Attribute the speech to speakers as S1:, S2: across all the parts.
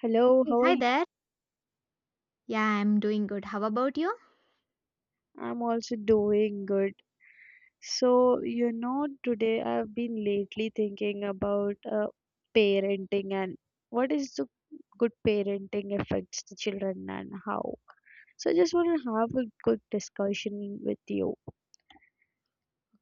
S1: Hello,
S2: Hey,
S1: how are
S2: hi
S1: you?
S2: there. Yeah, I'm doing good. How about you?
S1: I'm also doing good. So, you know, today I've been lately thinking about parenting and what is the good parenting affects the children and how. So, I just want to have a good discussion with you.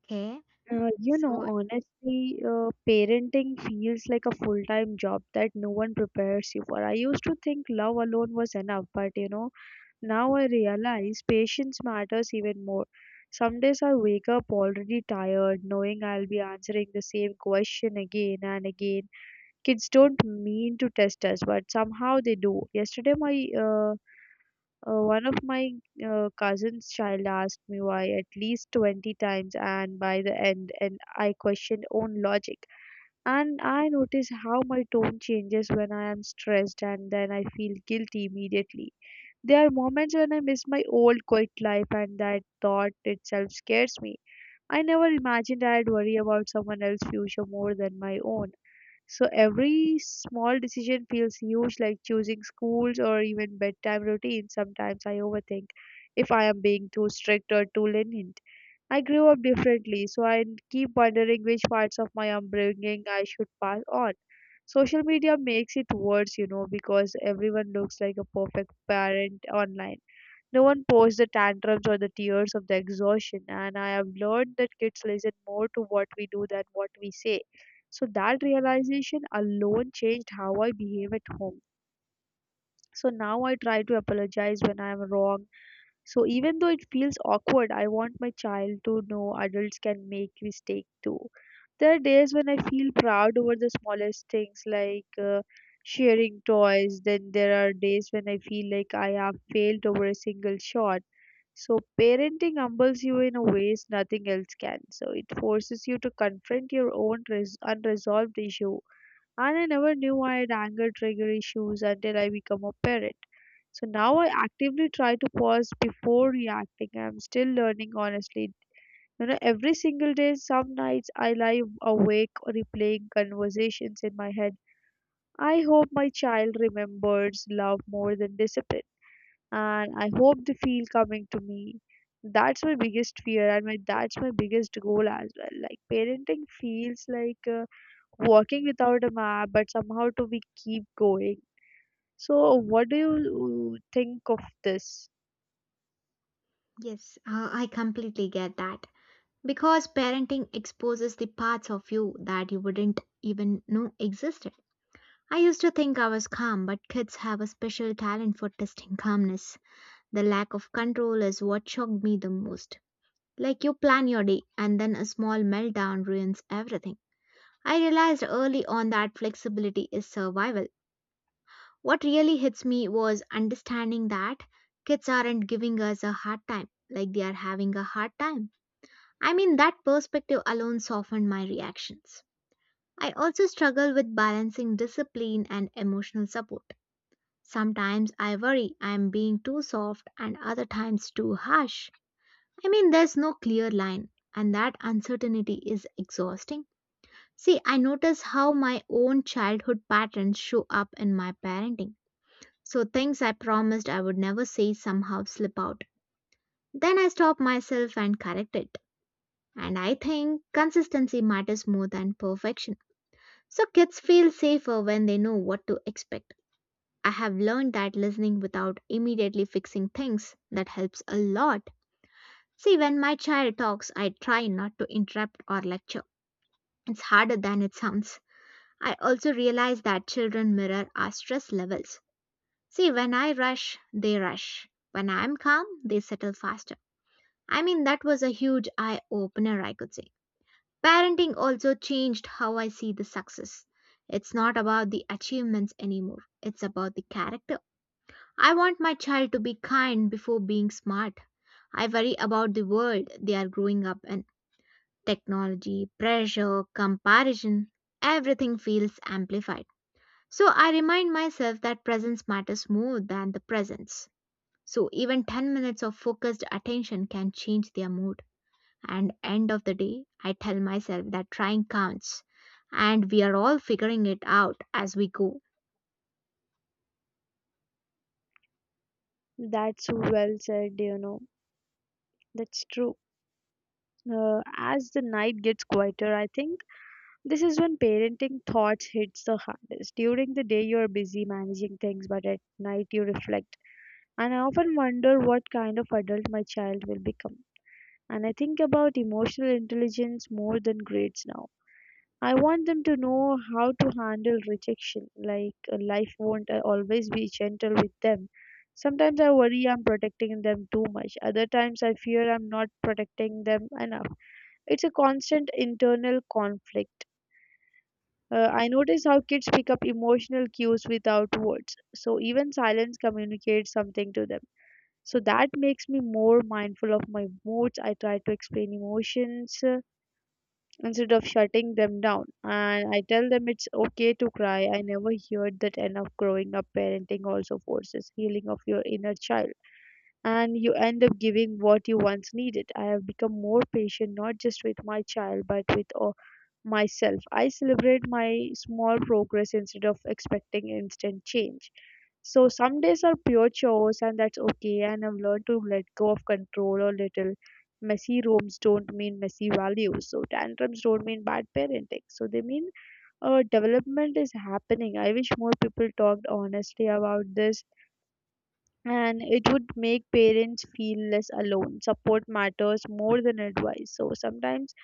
S2: Okay.
S1: You know,
S2: So,
S1: honestly, parenting feels like a full-time job that no one prepares you for. I used to think love alone was enough, but you know, now I realize patience matters even more. Some days I wake up already tired, knowing I'll be answering the same question again and again. Kids don't mean to test us, but somehow they do. Yesterday, my one of my cousin's child asked me why at least 20 times, and by the end, and I questioned own logic. And I notice how my tone changes when I am stressed, and then I feel guilty immediately. There are moments when I miss my old quiet life, and that thought itself scares me. I never imagined I'd worry about someone else's future more than my own. So every small decision feels huge, like choosing schools or even bedtime routines. Sometimes I overthink if I am being too strict or too lenient. I grew up differently, so I keep wondering which parts of my upbringing I should pass on. Social media makes it worse, you know, because everyone looks like a perfect parent online. No one posts the tantrums or the tears of the exhaustion, and I have learned that kids listen more to what we do than what we say. So that realization alone changed how I behave at home. So now I try to apologize when I am wrong. So even though it feels awkward, I want my child to know adults can make mistakes too. There are days when I feel proud over the smallest things like sharing toys. Then there are days when I feel like I have failed over a single shot, so parenting humbles you in a ways nothing else can. So it forces you to confront your own unresolved issue. And I never knew I had anger trigger issues until I become a parent. So now I actively try to pause before reacting. I'm still learning honestly. You know, every single day, some nights I lie awake replaying conversations in my head. I hope my child remembers love more than discipline, and I hope they feel coming to me. That's my biggest fear and my biggest goal as well. Like parenting feels like walking without a map, but somehow to we keep going. So what do you think of this?
S2: yes, I completely get that. Because parenting exposes the parts of you that you wouldn't even know existed. I used to think I was calm, but kids have a special talent for testing calmness. The lack of control is what shocked me the most. Like you plan your day, and then a small meltdown ruins everything. I realized early on that flexibility is survival. What really hits me was understanding that kids aren't giving us a hard time, like they are having a hard time. I mean, that perspective alone softened my reactions. I also struggle with balancing discipline and emotional support. Sometimes I worry I am being too soft and other times too harsh. I mean, there's no clear line, and that uncertainty is exhausting. See, I notice how my own childhood patterns show up in my parenting. So things I promised I would never say somehow slip out. Then I stop myself and correct it. And I think consistency matters more than perfection. So kids feel safer when they know what to expect. I have learned that listening without immediately fixing things, that helps a lot. See, when my child talks, I try not to interrupt or lecture. It's harder than it sounds. I also realize that children mirror our stress levels. See, when I rush, they rush. When I'm calm, they settle faster. I mean, that was a huge eye opener, I could say. Parenting also changed how I see the success. It's not about the achievements anymore, it's about the character. I want my child to be kind before being smart. I worry about the world they are growing up in. Technology, pressure, comparison, everything feels amplified. So I remind myself that presence matters more than the presence. So even 10 minutes of focused attention can change their mood. And end of the day, I tell myself that trying counts and we are all figuring it out as we go.
S1: That's so well said, you know. That's true. As the night gets quieter, I think this is when parenting thoughts hits the hardest. During the day you are busy managing things, but at night you reflect. And I often wonder what kind of adult my child will become. And I think about emotional intelligence more than grades now. I want them to know how to handle rejection, like life won't always be gentle with them. Sometimes I worry I'm protecting them too much. Other times I fear I'm not protecting them enough. It's a constant internal conflict. I notice how kids pick up emotional cues without words, so even silence communicates something to them. So that makes me more mindful of my moods. I try to explain emotions instead of shutting them down. And I tell them it's okay to cry. I never heard that enough growing up. Parenting also forces healing of your inner child, and you end up giving what you once needed. I have become more patient not just with my child but with myself. I celebrate my small progress instead of expecting instant change. So some days are pure chores and that's okay, and I've learned to let go of control a little. Messy rooms don't mean messy values. So tantrums don't mean bad parenting. So they mean development is happening. I wish more people talked honestly about this, and it would make parents feel less alone. Support matters more than advice. So sometimes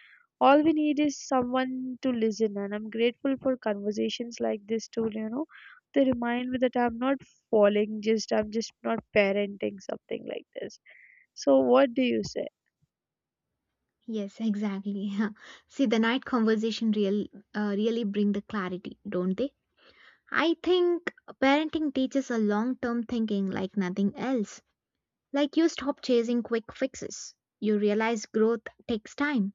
S1: all we need is someone to listen, and I'm grateful for conversations like this to they remind me that I'm not falling, just I'm just not parenting something like this. So what do you say?
S2: Yes, exactly. See, the night really bring the clarity, don't they? I think parenting teaches a long-term thinking like nothing else. Like you stop chasing quick fixes. You realize growth takes time.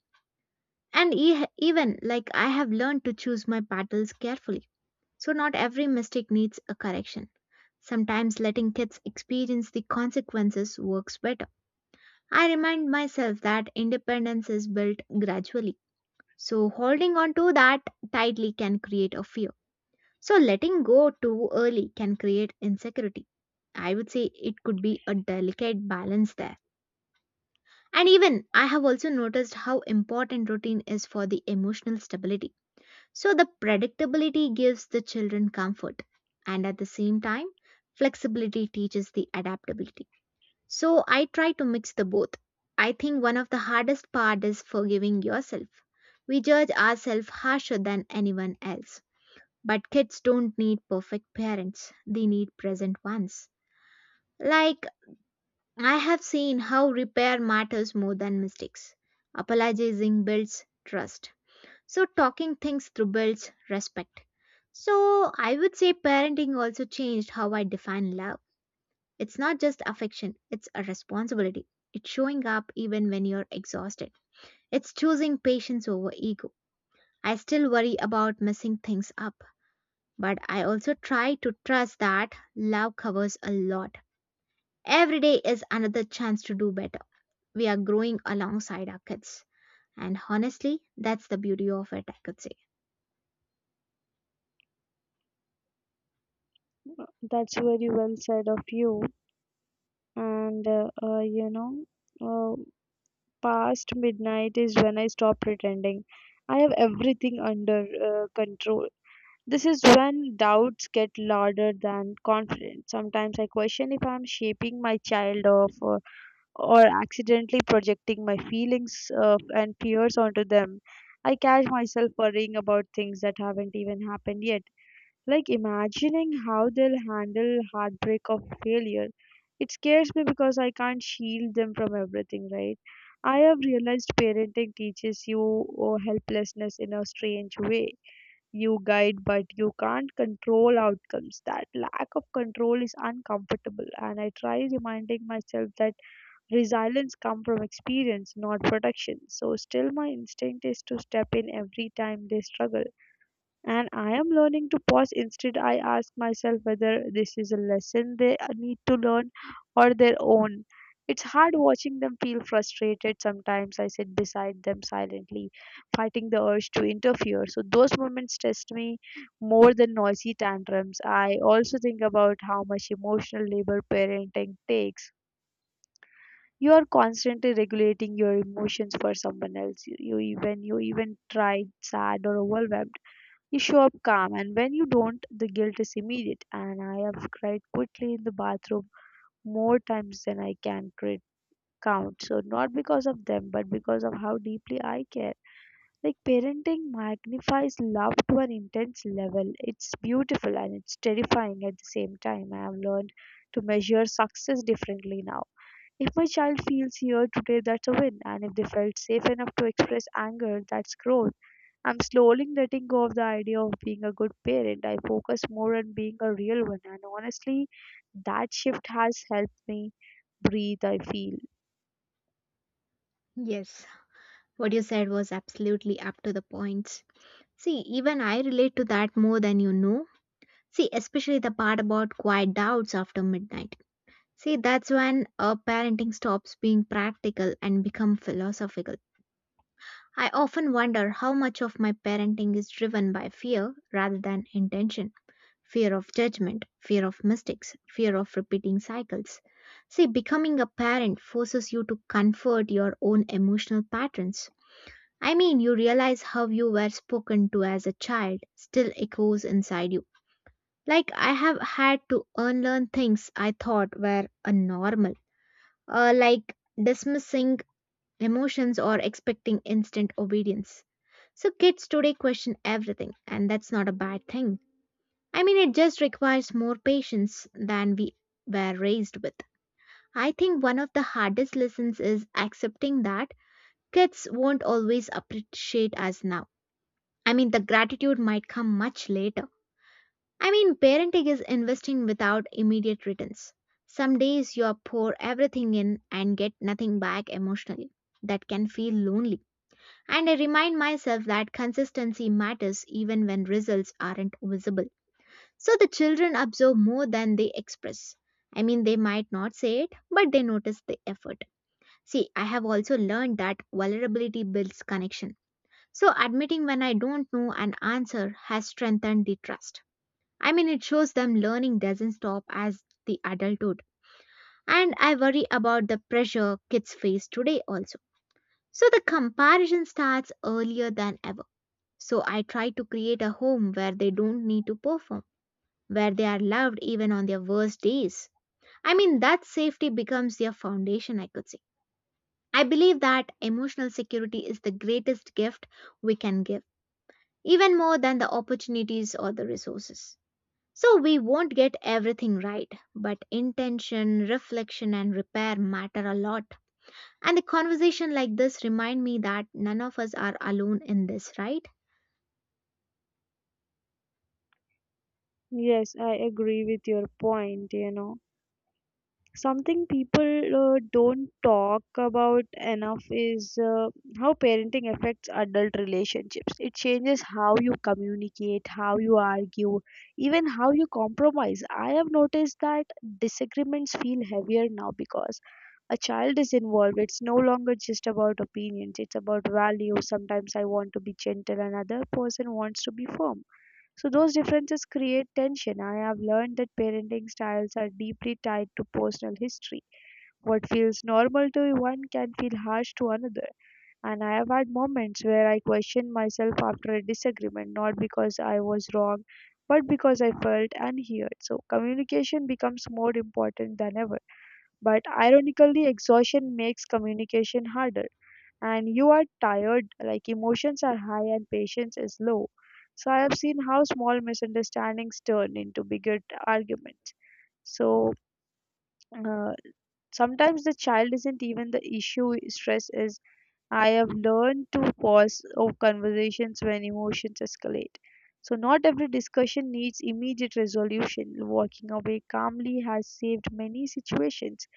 S2: And even like I have learned to choose my battles carefully. So, not every mistake needs a correction. Sometimes letting kids experience the consequences works better. I remind myself that independence is built gradually. So, holding on to that tightly can create a fear. So, letting go too early can create insecurity. I would say it could be a delicate balance there. And even I have also noticed how important routine is for the emotional stability. So the predictability gives the children comfort, and at the same time, flexibility teaches the adaptability. So I try to mix the both. I think one of the hardest part is forgiving yourself. We judge ourselves harsher than anyone else. But kids don't need perfect parents. They need present ones. Like I have seen how repair matters more than mistakes. Apologizing builds trust, so talking things through builds respect. So I would say parenting also changed how I define love. It's not just affection, it's a responsibility. It's showing up even when you're exhausted. It's choosing patience over ego. I still worry about messing things up, but I also try to trust that love covers a lot. Every day is another chance to do better. We are growing alongside our kids. And honestly, that's the beauty of it, I could say.
S1: That's very well said of you. And uh, past midnight is when I stop pretending. I have everything under control. This is when doubts get louder than confidence. Sometimes I question if I'm shaping my child off, or accidentally projecting my feelings and fears onto them. I catch myself worrying about things that haven't even happened yet, like imagining how they'll handle heartbreak of failure. It scares me because I can't shield them from everything, right? I have realized parenting teaches you oh, helplessness in a strange way. You guide, but you can't control outcomes. That lack of control is uncomfortable, and I try reminding myself that resilience comes from experience, not protection. So, still, my instinct is to step in every time they struggle, and I am learning to pause. Instead, I ask myself whether this is a lesson they need to learn or their own. It's hard watching them feel frustrated. Sometimes I sit beside them silently, fighting the urge to interfere. So, those moments test me more than noisy tantrums. I also think about how much emotional labor parenting takes. You are constantly regulating your emotions for someone else. You even tried sad or overwhelmed, you show up calm, and when you don't, the guilt is immediate. And I have cried quickly in the bathroom more times than I can count. So, not because of them, but because of how deeply I care. Like, parenting magnifies love to an intense level. It's beautiful and it's terrifying at the same time. I have learned to measure success differently now. If my child feels heard today, that's a win. And if they felt safe enough to express anger, that's growth. I'm slowly letting go of the idea of being a good parent. I focus more on being a real one. And honestly, that shift has helped me breathe, I feel.
S2: Yes. What you said was absolutely up to the points. See, even I relate to that more than you know. See, especially the part about quiet doubts after midnight. See, that's when a parenting stops being practical and become philosophical. I often wonder how much of my parenting is driven by fear rather than intention. Fear of judgment, fear of mistakes, fear of repeating cycles. See, becoming a parent forces you to comfort your own emotional patterns. I mean, you realize how you were spoken to as a child still echoes inside you. Like, I have had to unlearn things I thought were a normal, like dismissing emotions or expecting instant obedience. So, kids today question everything, and that's not a bad thing. I mean, it just requires more patience than we were raised with. I think one of the hardest lessons is accepting that kids won't always appreciate us now. I mean, the gratitude might come much later. I mean, parenting is investing without immediate returns. Some days you pour everything in and get nothing back emotionally. That can feel lonely. And I remind myself that consistency matters even when results aren't visible. So the children absorb more than they express. I mean, they might not say it, but they notice the effort. See, I have also learned that vulnerability builds connection, so, admitting when I don't know an answer has strengthened the trust. I mean, it shows them learning doesn't stop as the adulthood. And I worry about the pressure kids face today also. So, the comparison starts earlier than ever. So, I try to create a home where they don't need to perform, where they are loved even on their worst days. I mean, that safety becomes their foundation, I could say. I believe that emotional security is the greatest gift we can give, even more than the opportunities or the resources. So we won't get everything right, but intention, reflection, and repair matter a lot. And a conversation like this remind me that none of us are alone in this, right?
S1: Yes, I agree with your point, you know. Something people don't talk about enough is how parenting affects adult relationships. It changes how you communicate, how you argue, even how you compromise. I have noticed that disagreements feel heavier now because a child is involved. It's no longer just about opinions, it's about values. Sometimes I want to be gentle, another person wants to be firm, so those differences create tension. I have learned that parenting styles are deeply tied to personal history. What feels normal to one can feel harsh to another. And I have had moments where I questioned myself after a disagreement, not because I was wrong, but because I felt unheard. So communication becomes more important than ever. But ironically, exhaustion makes communication harder, and you are tired, like emotions are high and patience is low. So I have seen how small misunderstandings turn into bigger arguments. So uh, Sometimes the child isn't even the issue, stress is. I have learned to pause of conversations when emotions escalate. So not every discussion needs immediate resolution. Walking away calmly has saved many situations.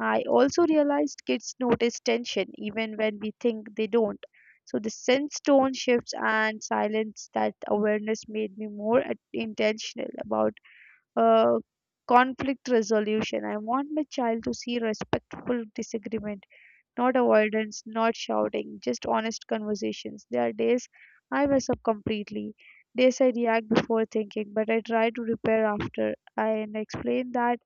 S1: I also realized kids notice tension even when we think they don't. So the sense tone shifts and silence, that awareness made me more intentional about uh, conflict resolution. I want my child to see respectful disagreement, not avoidance, not shouting, just honest conversations. There are days I mess up completely. Days I react before thinking, but I try to repair after. I and explain that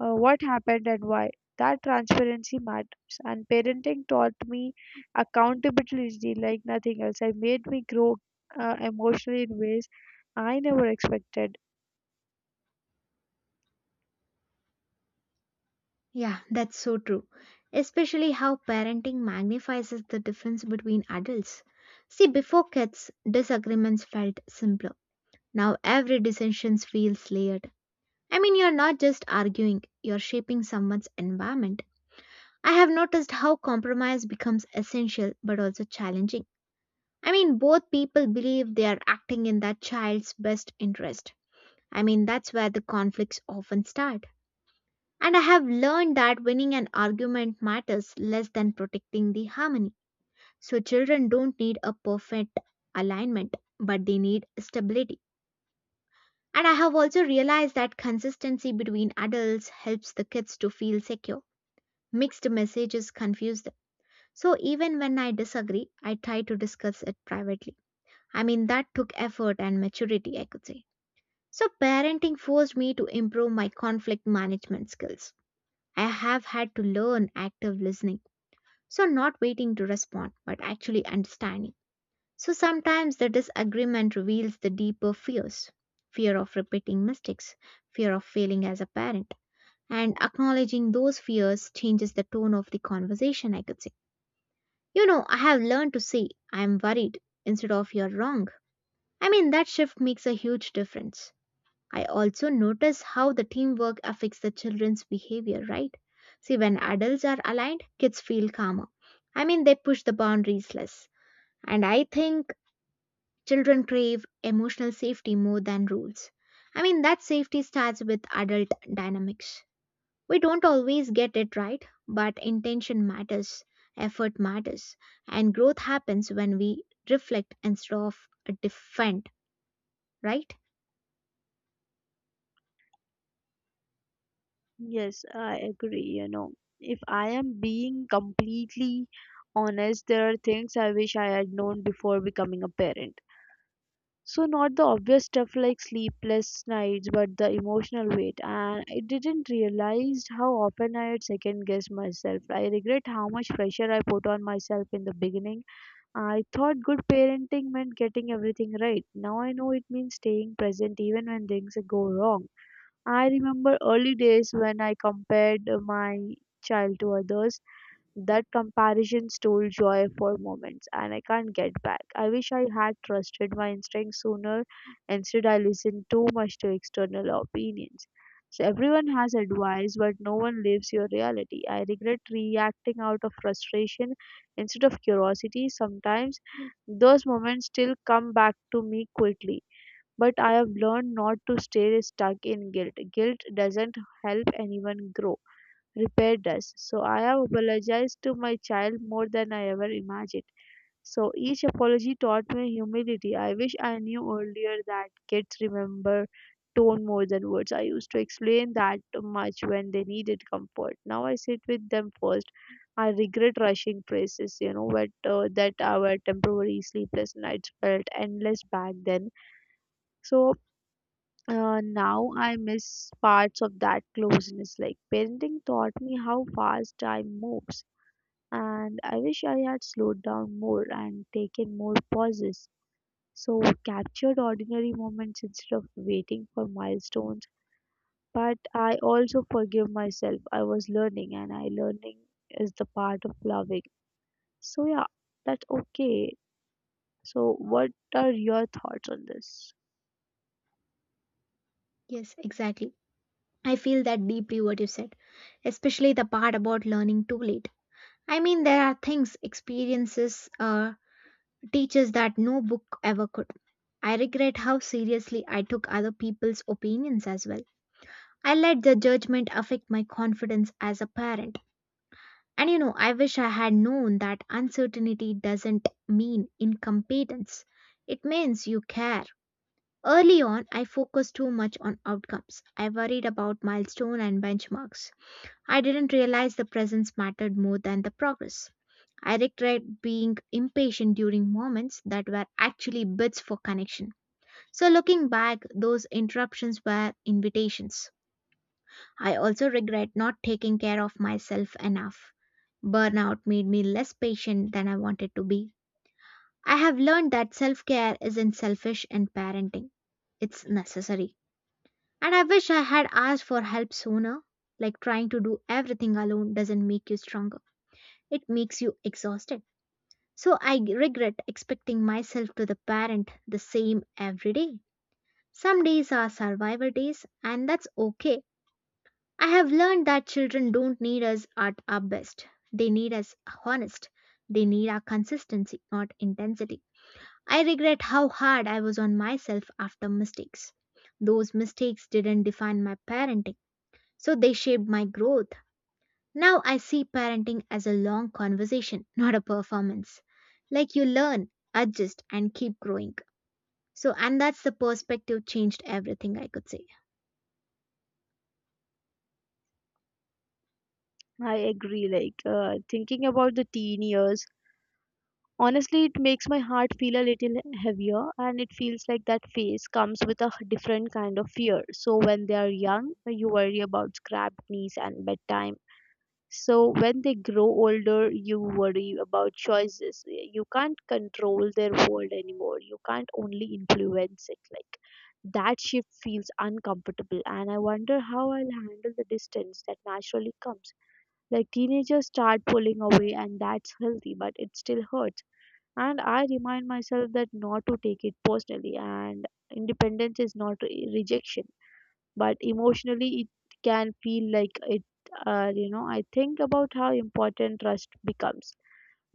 S1: what happened and why. That transparency matters, and parenting taught me accountability like nothing else. It made me grow emotionally in ways I never expected.
S2: Yeah, that's so true. Especially how parenting magnifies the difference between adults. See, before kids, disagreements felt simpler. Now every decision feels layered. I mean, you're not just arguing, you're shaping someone's environment. I have noticed how compromise becomes essential but also challenging. I mean, both people believe they are acting in that child's best interest. I mean, that's where the conflicts often start. And I have learned that winning an argument matters less than protecting the harmony. So, children don't need a perfect alignment, but they need stability. And I have also realized that consistency between adults helps the kids to feel secure. Mixed messages confuse them. So even when I disagree, I try to discuss it privately. I mean, that took effort and maturity, I could say. So parenting forced me to improve my conflict management skills. I have had to learn active listening. So not waiting to respond, but actually understanding. So sometimes the disagreement reveals the deeper fears, fear of repeating mistakes, fear of failing as a parent. And acknowledging those fears changes the tone of the conversation, I could say. You know, I have learned to say, I'm worried instead of you're wrong. I mean, that shift makes a huge difference. I also notice how the teamwork affects the children's behavior, right? See, when adults are aligned, kids feel calmer. I mean, they push the boundaries less. And I think children crave emotional safety more than rules. I mean, that safety starts with adult dynamics. We don't always get it right, but intention matters, effort matters, and growth happens when we reflect instead of defend, right?
S1: Yes, I agree. You know, if I am being completely honest, there are things I wish I had known before becoming a parent. So not the obvious stuff like sleepless nights, but the emotional weight. And I didn't realize how often I had second guessed myself. I regret how much pressure I put on myself in the beginning. I thought good parenting meant getting everything right. Now I know it means staying present even when things go wrong. I remember early days when I compared my child to others. That comparison stole joy for moments, and I can't get back. I wish I had trusted my instincts sooner. Instead, I listened too much to external opinions. So, everyone has advice, but no one lives your reality. I regret reacting out of frustration instead of curiosity. Sometimes those moments still come back to me quickly, but I have learned not to stay stuck in guilt. Guilt doesn't help anyone grow, repair does. So I have apologized to my child more than I ever imagined. So each apology taught me humility. I wish I knew earlier that kids remember tone more than words. I used to explain that much when they needed comfort. Now I sit with them first. I regret rushing praises, but that our temporary sleepless nights felt endless back then. So Now I miss parts of that closeness. Like parenting taught me how fast time moves, and I wish I had slowed down more and taken more pauses. So captured ordinary moments instead of waiting for milestones. But I also forgive myself. I was learning, and I learning is the part of loving. So yeah, that's okay. So what are your thoughts on this?
S2: Yes, exactly. I feel that deeply what you said, especially the part about learning too late. I mean, there are things, experiences, teachers that no book ever could. I regret how seriously I took other people's opinions as well. I let the judgment affect my confidence as a parent. And you know, I wish I had known that uncertainty doesn't mean incompetence. It means you care. Early on, I focused too much on outcomes. I worried about milestone and benchmarks. I didn't realize the presence mattered more than the progress. I regret being impatient during moments that were actually bids for connection. So, looking back, those interruptions were invitations. I also regret not taking care of myself enough. Burnout made me less patient than I wanted to be. I have learned that self care isn't selfish in parenting, it's necessary. And I wish I had asked for help sooner. Like trying to do everything alone doesn't make you stronger, it makes you exhausted. So I regret expecting myself to the parent the same every day. Some days are survival days, and that's okay. I have learned that children don't need us at our best. They need us honest. They need our consistency, not intensity. I regret how hard I was on myself after mistakes. Those mistakes didn't define my parenting, so they shaped my growth. Now I see parenting as a long conversation, not a performance. Like you learn, adjust, and keep growing. So, and that's the perspective changed everything, I could say.
S1: I agree. Like thinking about the teen years, honestly, it makes my heart feel a little heavier, and it feels like that phase comes with a different kind of fear. So, when they are young, you worry about scrapped knees and bedtime. So, when they grow older, you worry about choices. You can't control their world anymore, you can't only influence it. Like that shift feels uncomfortable, and I wonder how I'll handle the distance that naturally comes. Like teenagers start pulling away, and that's healthy, but it still hurts, and I remind myself that not to take it personally, and independence is not re- rejection, but emotionally it can feel like it. You know, I think about how important trust becomes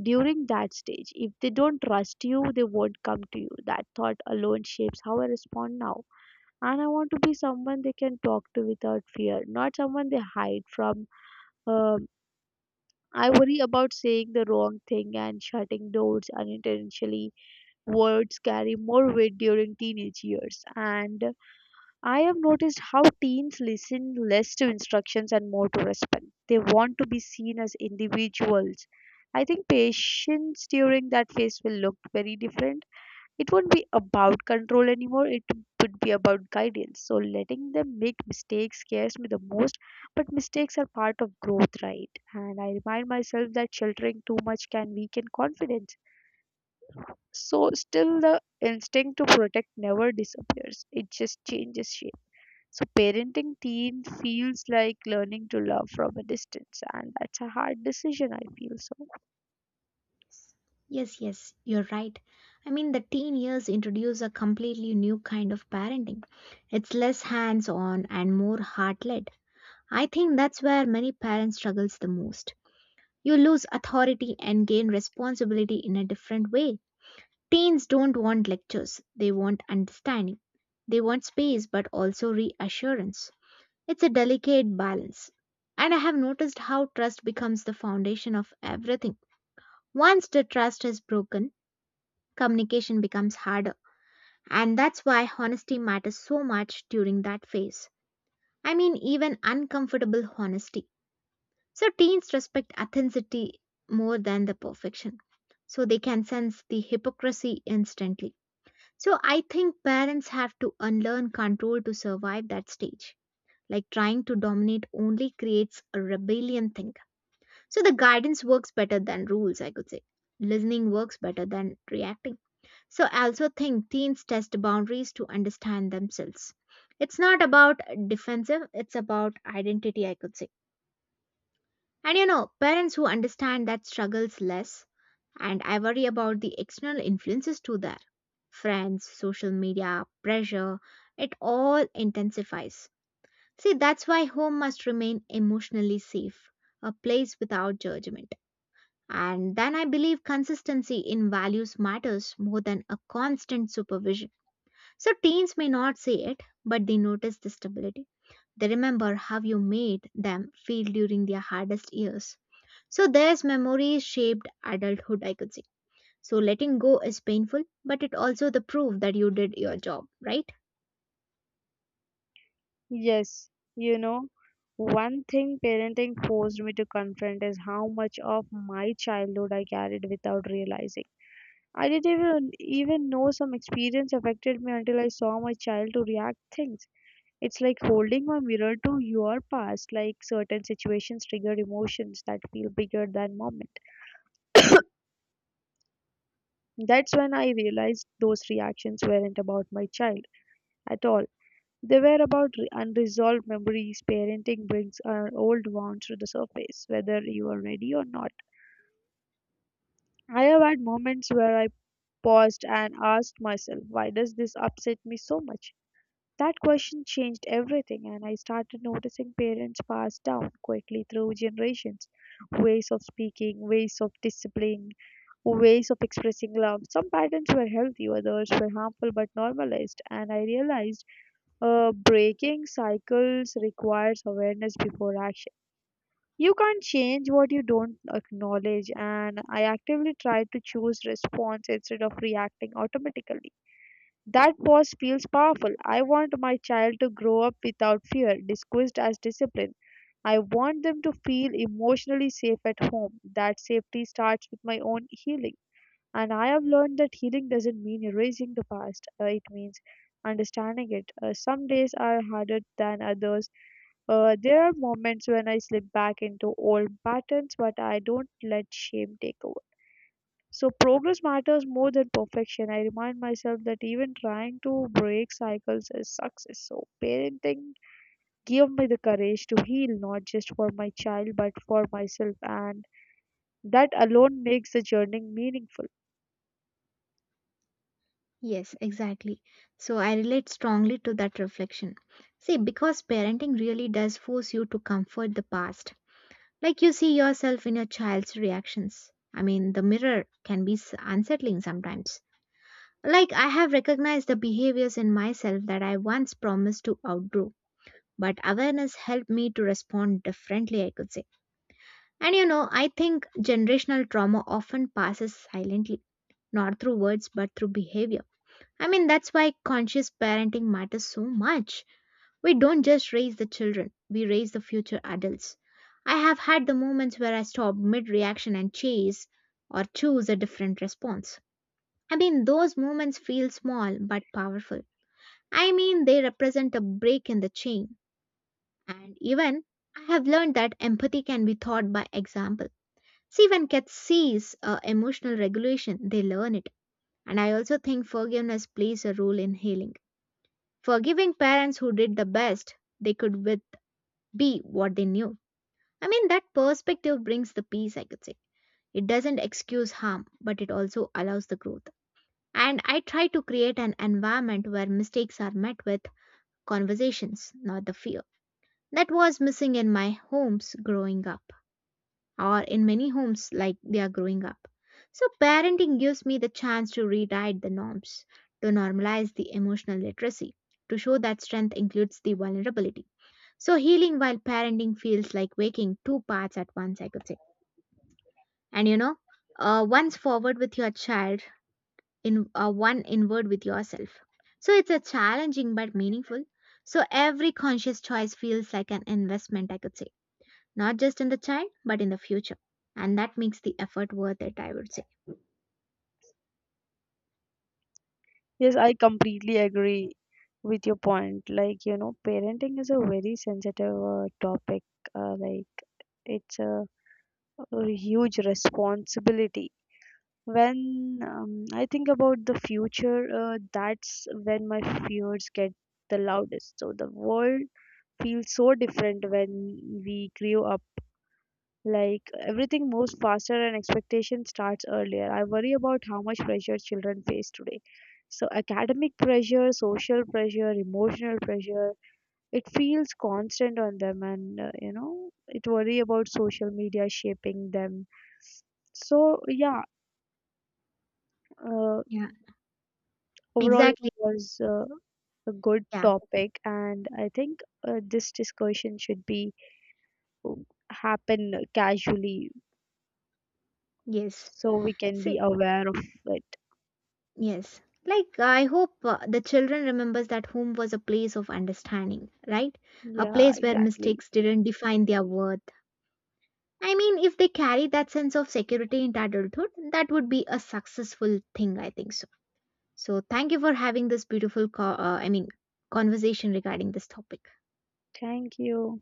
S1: during that stage. If they don't trust you, they won't come to you. That thought alone shapes how I respond now, and I want to be someone they can talk to without fear, not someone they hide from. um, I worry about saying the wrong thing and shutting doors unintentionally. Words carry more weight during teenage years. And I have noticed how teens listen less to instructions and more to respect. They want to be seen as individuals. I think patience during that phase will look very different. It won't be about control anymore, it would be about guidance. So letting them make mistakes scares me the most, but mistakes are part of growth, right? And I remind myself that sheltering too much can weaken confidence, so still the instinct to protect never disappears. It just changes shape. So parenting teen feels like learning to love from a distance, and that's a hard decision I feel so.
S2: Yes, yes, you're right. I mean, the teen years introduce a completely new kind of parenting. It's less hands on and more heart led. I think that's where many parents struggles the most. You lose authority and gain responsibility in a different way. Teens don't want lectures, they want understanding. They want space but also reassurance. It's a delicate balance. And I have noticed how trust becomes the foundation of everything. Once the trust is broken, communication becomes harder. And that's why honesty matters so much during that phase. I mean, even uncomfortable honesty. So teens respect authenticity more than the perfection. So they can sense the hypocrisy instantly. So I think parents have to unlearn control to survive that stage. Like trying to dominate only creates a rebellion thing. So the guidance works better than rules, I could say. Listening works better than reacting. So I also think teens test boundaries to understand themselves. It's not about defensive, it's about identity, I could say. And you know, parents who understand that struggles less, and I worry about the external influences too there. Friends, social media, pressure, it all intensifies. See, that's why home must remain emotionally safe, a place without judgment. And then I believe consistency in values matters more than a constant supervision. So teens may not say it, but they notice the stability. They remember how you made them feel during their hardest years. So there's memories shaped adulthood, I could say. So letting go is painful, but it also the proof that you did your job, right?
S1: Yes, you know, one thing parenting forced me to confront is how much of my childhood I carried without realizing. I didn't even know some experience affected me until I saw my child to react things. It's like holding a mirror to your past, like certain situations trigger emotions that feel bigger than moment. That's when I realized those reactions weren't about my child at all. They were about unresolved memories. Parenting brings our old wounds to the surface, whether you are ready or not. I have had moments where I paused and asked myself, why does this upset me so much? That question changed everything, and I started noticing parents pass down quickly through generations, ways of speaking, ways of disciplining, ways of expressing love. Some patterns were healthy, others were harmful but normalized, and I realized breaking cycles requires awareness before action. You can't change what you don't acknowledge, and I actively tried to choose response instead of reacting automatically. That pause feels powerful. I want my child to grow up without fear, disguised as discipline. I want them to feel emotionally safe at home. That safety starts with my own healing. And I have learned that healing doesn't mean erasing the past, it means understanding it. Some days are harder than others. There are moments when I slip back into old patterns, but I don't let shame take over. So progress matters more than perfection. I remind myself that even trying to break cycles is success. So parenting gave me the courage to heal, not just for my child but for myself, and that alone makes the journey meaningful.
S2: Yes, exactly. So I relate strongly to that reflection. See, because parenting really does force you to comfort the past. Like you see yourself in your child's reactions. I mean, the mirror can be unsettling sometimes. Like, I have recognized the behaviors in myself that I once promised to outgrow, but awareness helped me to respond differently, I could say. And you know, I think generational trauma often passes silently, not through words, but through behavior. I mean, that's why conscious parenting matters so much. We don't just raise the children, we raise the future adults. I have had the moments where I stop mid reaction and chase or choose a different response. I mean, those moments feel small but powerful. I mean, they represent a break in the chain. And even I have learned that empathy can be taught by example. See, when kids sees emotional regulation, they learn it. And I also think forgiveness plays a role in healing. Forgiving parents who did the best they could with be what they knew. I mean, that perspective brings the peace, I could say. It doesn't excuse harm, but it also allows the growth. And I try to create an environment where mistakes are met with conversations, not the fear. That was missing in my homes growing up, or in many homes like they are growing up. So, parenting gives me the chance to rewrite the norms, to normalize the emotional literacy, to show that strength includes the vulnerability. So, healing while parenting feels like waking two parts at once, I could say. And you know, once forward with your child, in one inward with yourself. So, it's a challenging but meaningful. So, every conscious choice feels like an investment, I could say, not just in the child, but in the future. And that makes the effort worth it, I would say.
S1: Yes, I completely agree with your point. Like, you know, parenting is a very sensitive topic. Like it's a, a huge responsibility. When I think about the future, that's when my fears get the loudest. So the world feels so different when we grew up. Like everything moves faster and expectation starts earlier. I worry about how much pressure children face today. So academic pressure, social pressure, emotional pressure, it feels constant on them, and you know, it worry about social media shaping them. So yeah, uh,
S2: Yeah.
S1: overall, it
S2: Exactly.
S1: was a good
S2: Yeah.
S1: topic, and I think this discussion should be um, happen casually
S2: Yes.
S1: so we can
S2: So,
S1: be aware of it.
S2: yes. Like I hope the children remembers that home was a place of understanding, right? A
S1: Yeah,
S2: place where
S1: exactly.
S2: mistakes didn't define their worth. I mean, if they carry that sense of security into adulthood, that would be a successful thing, I think so. So, thank you for having this beautiful I mean, conversation regarding this topic.
S1: Thank you.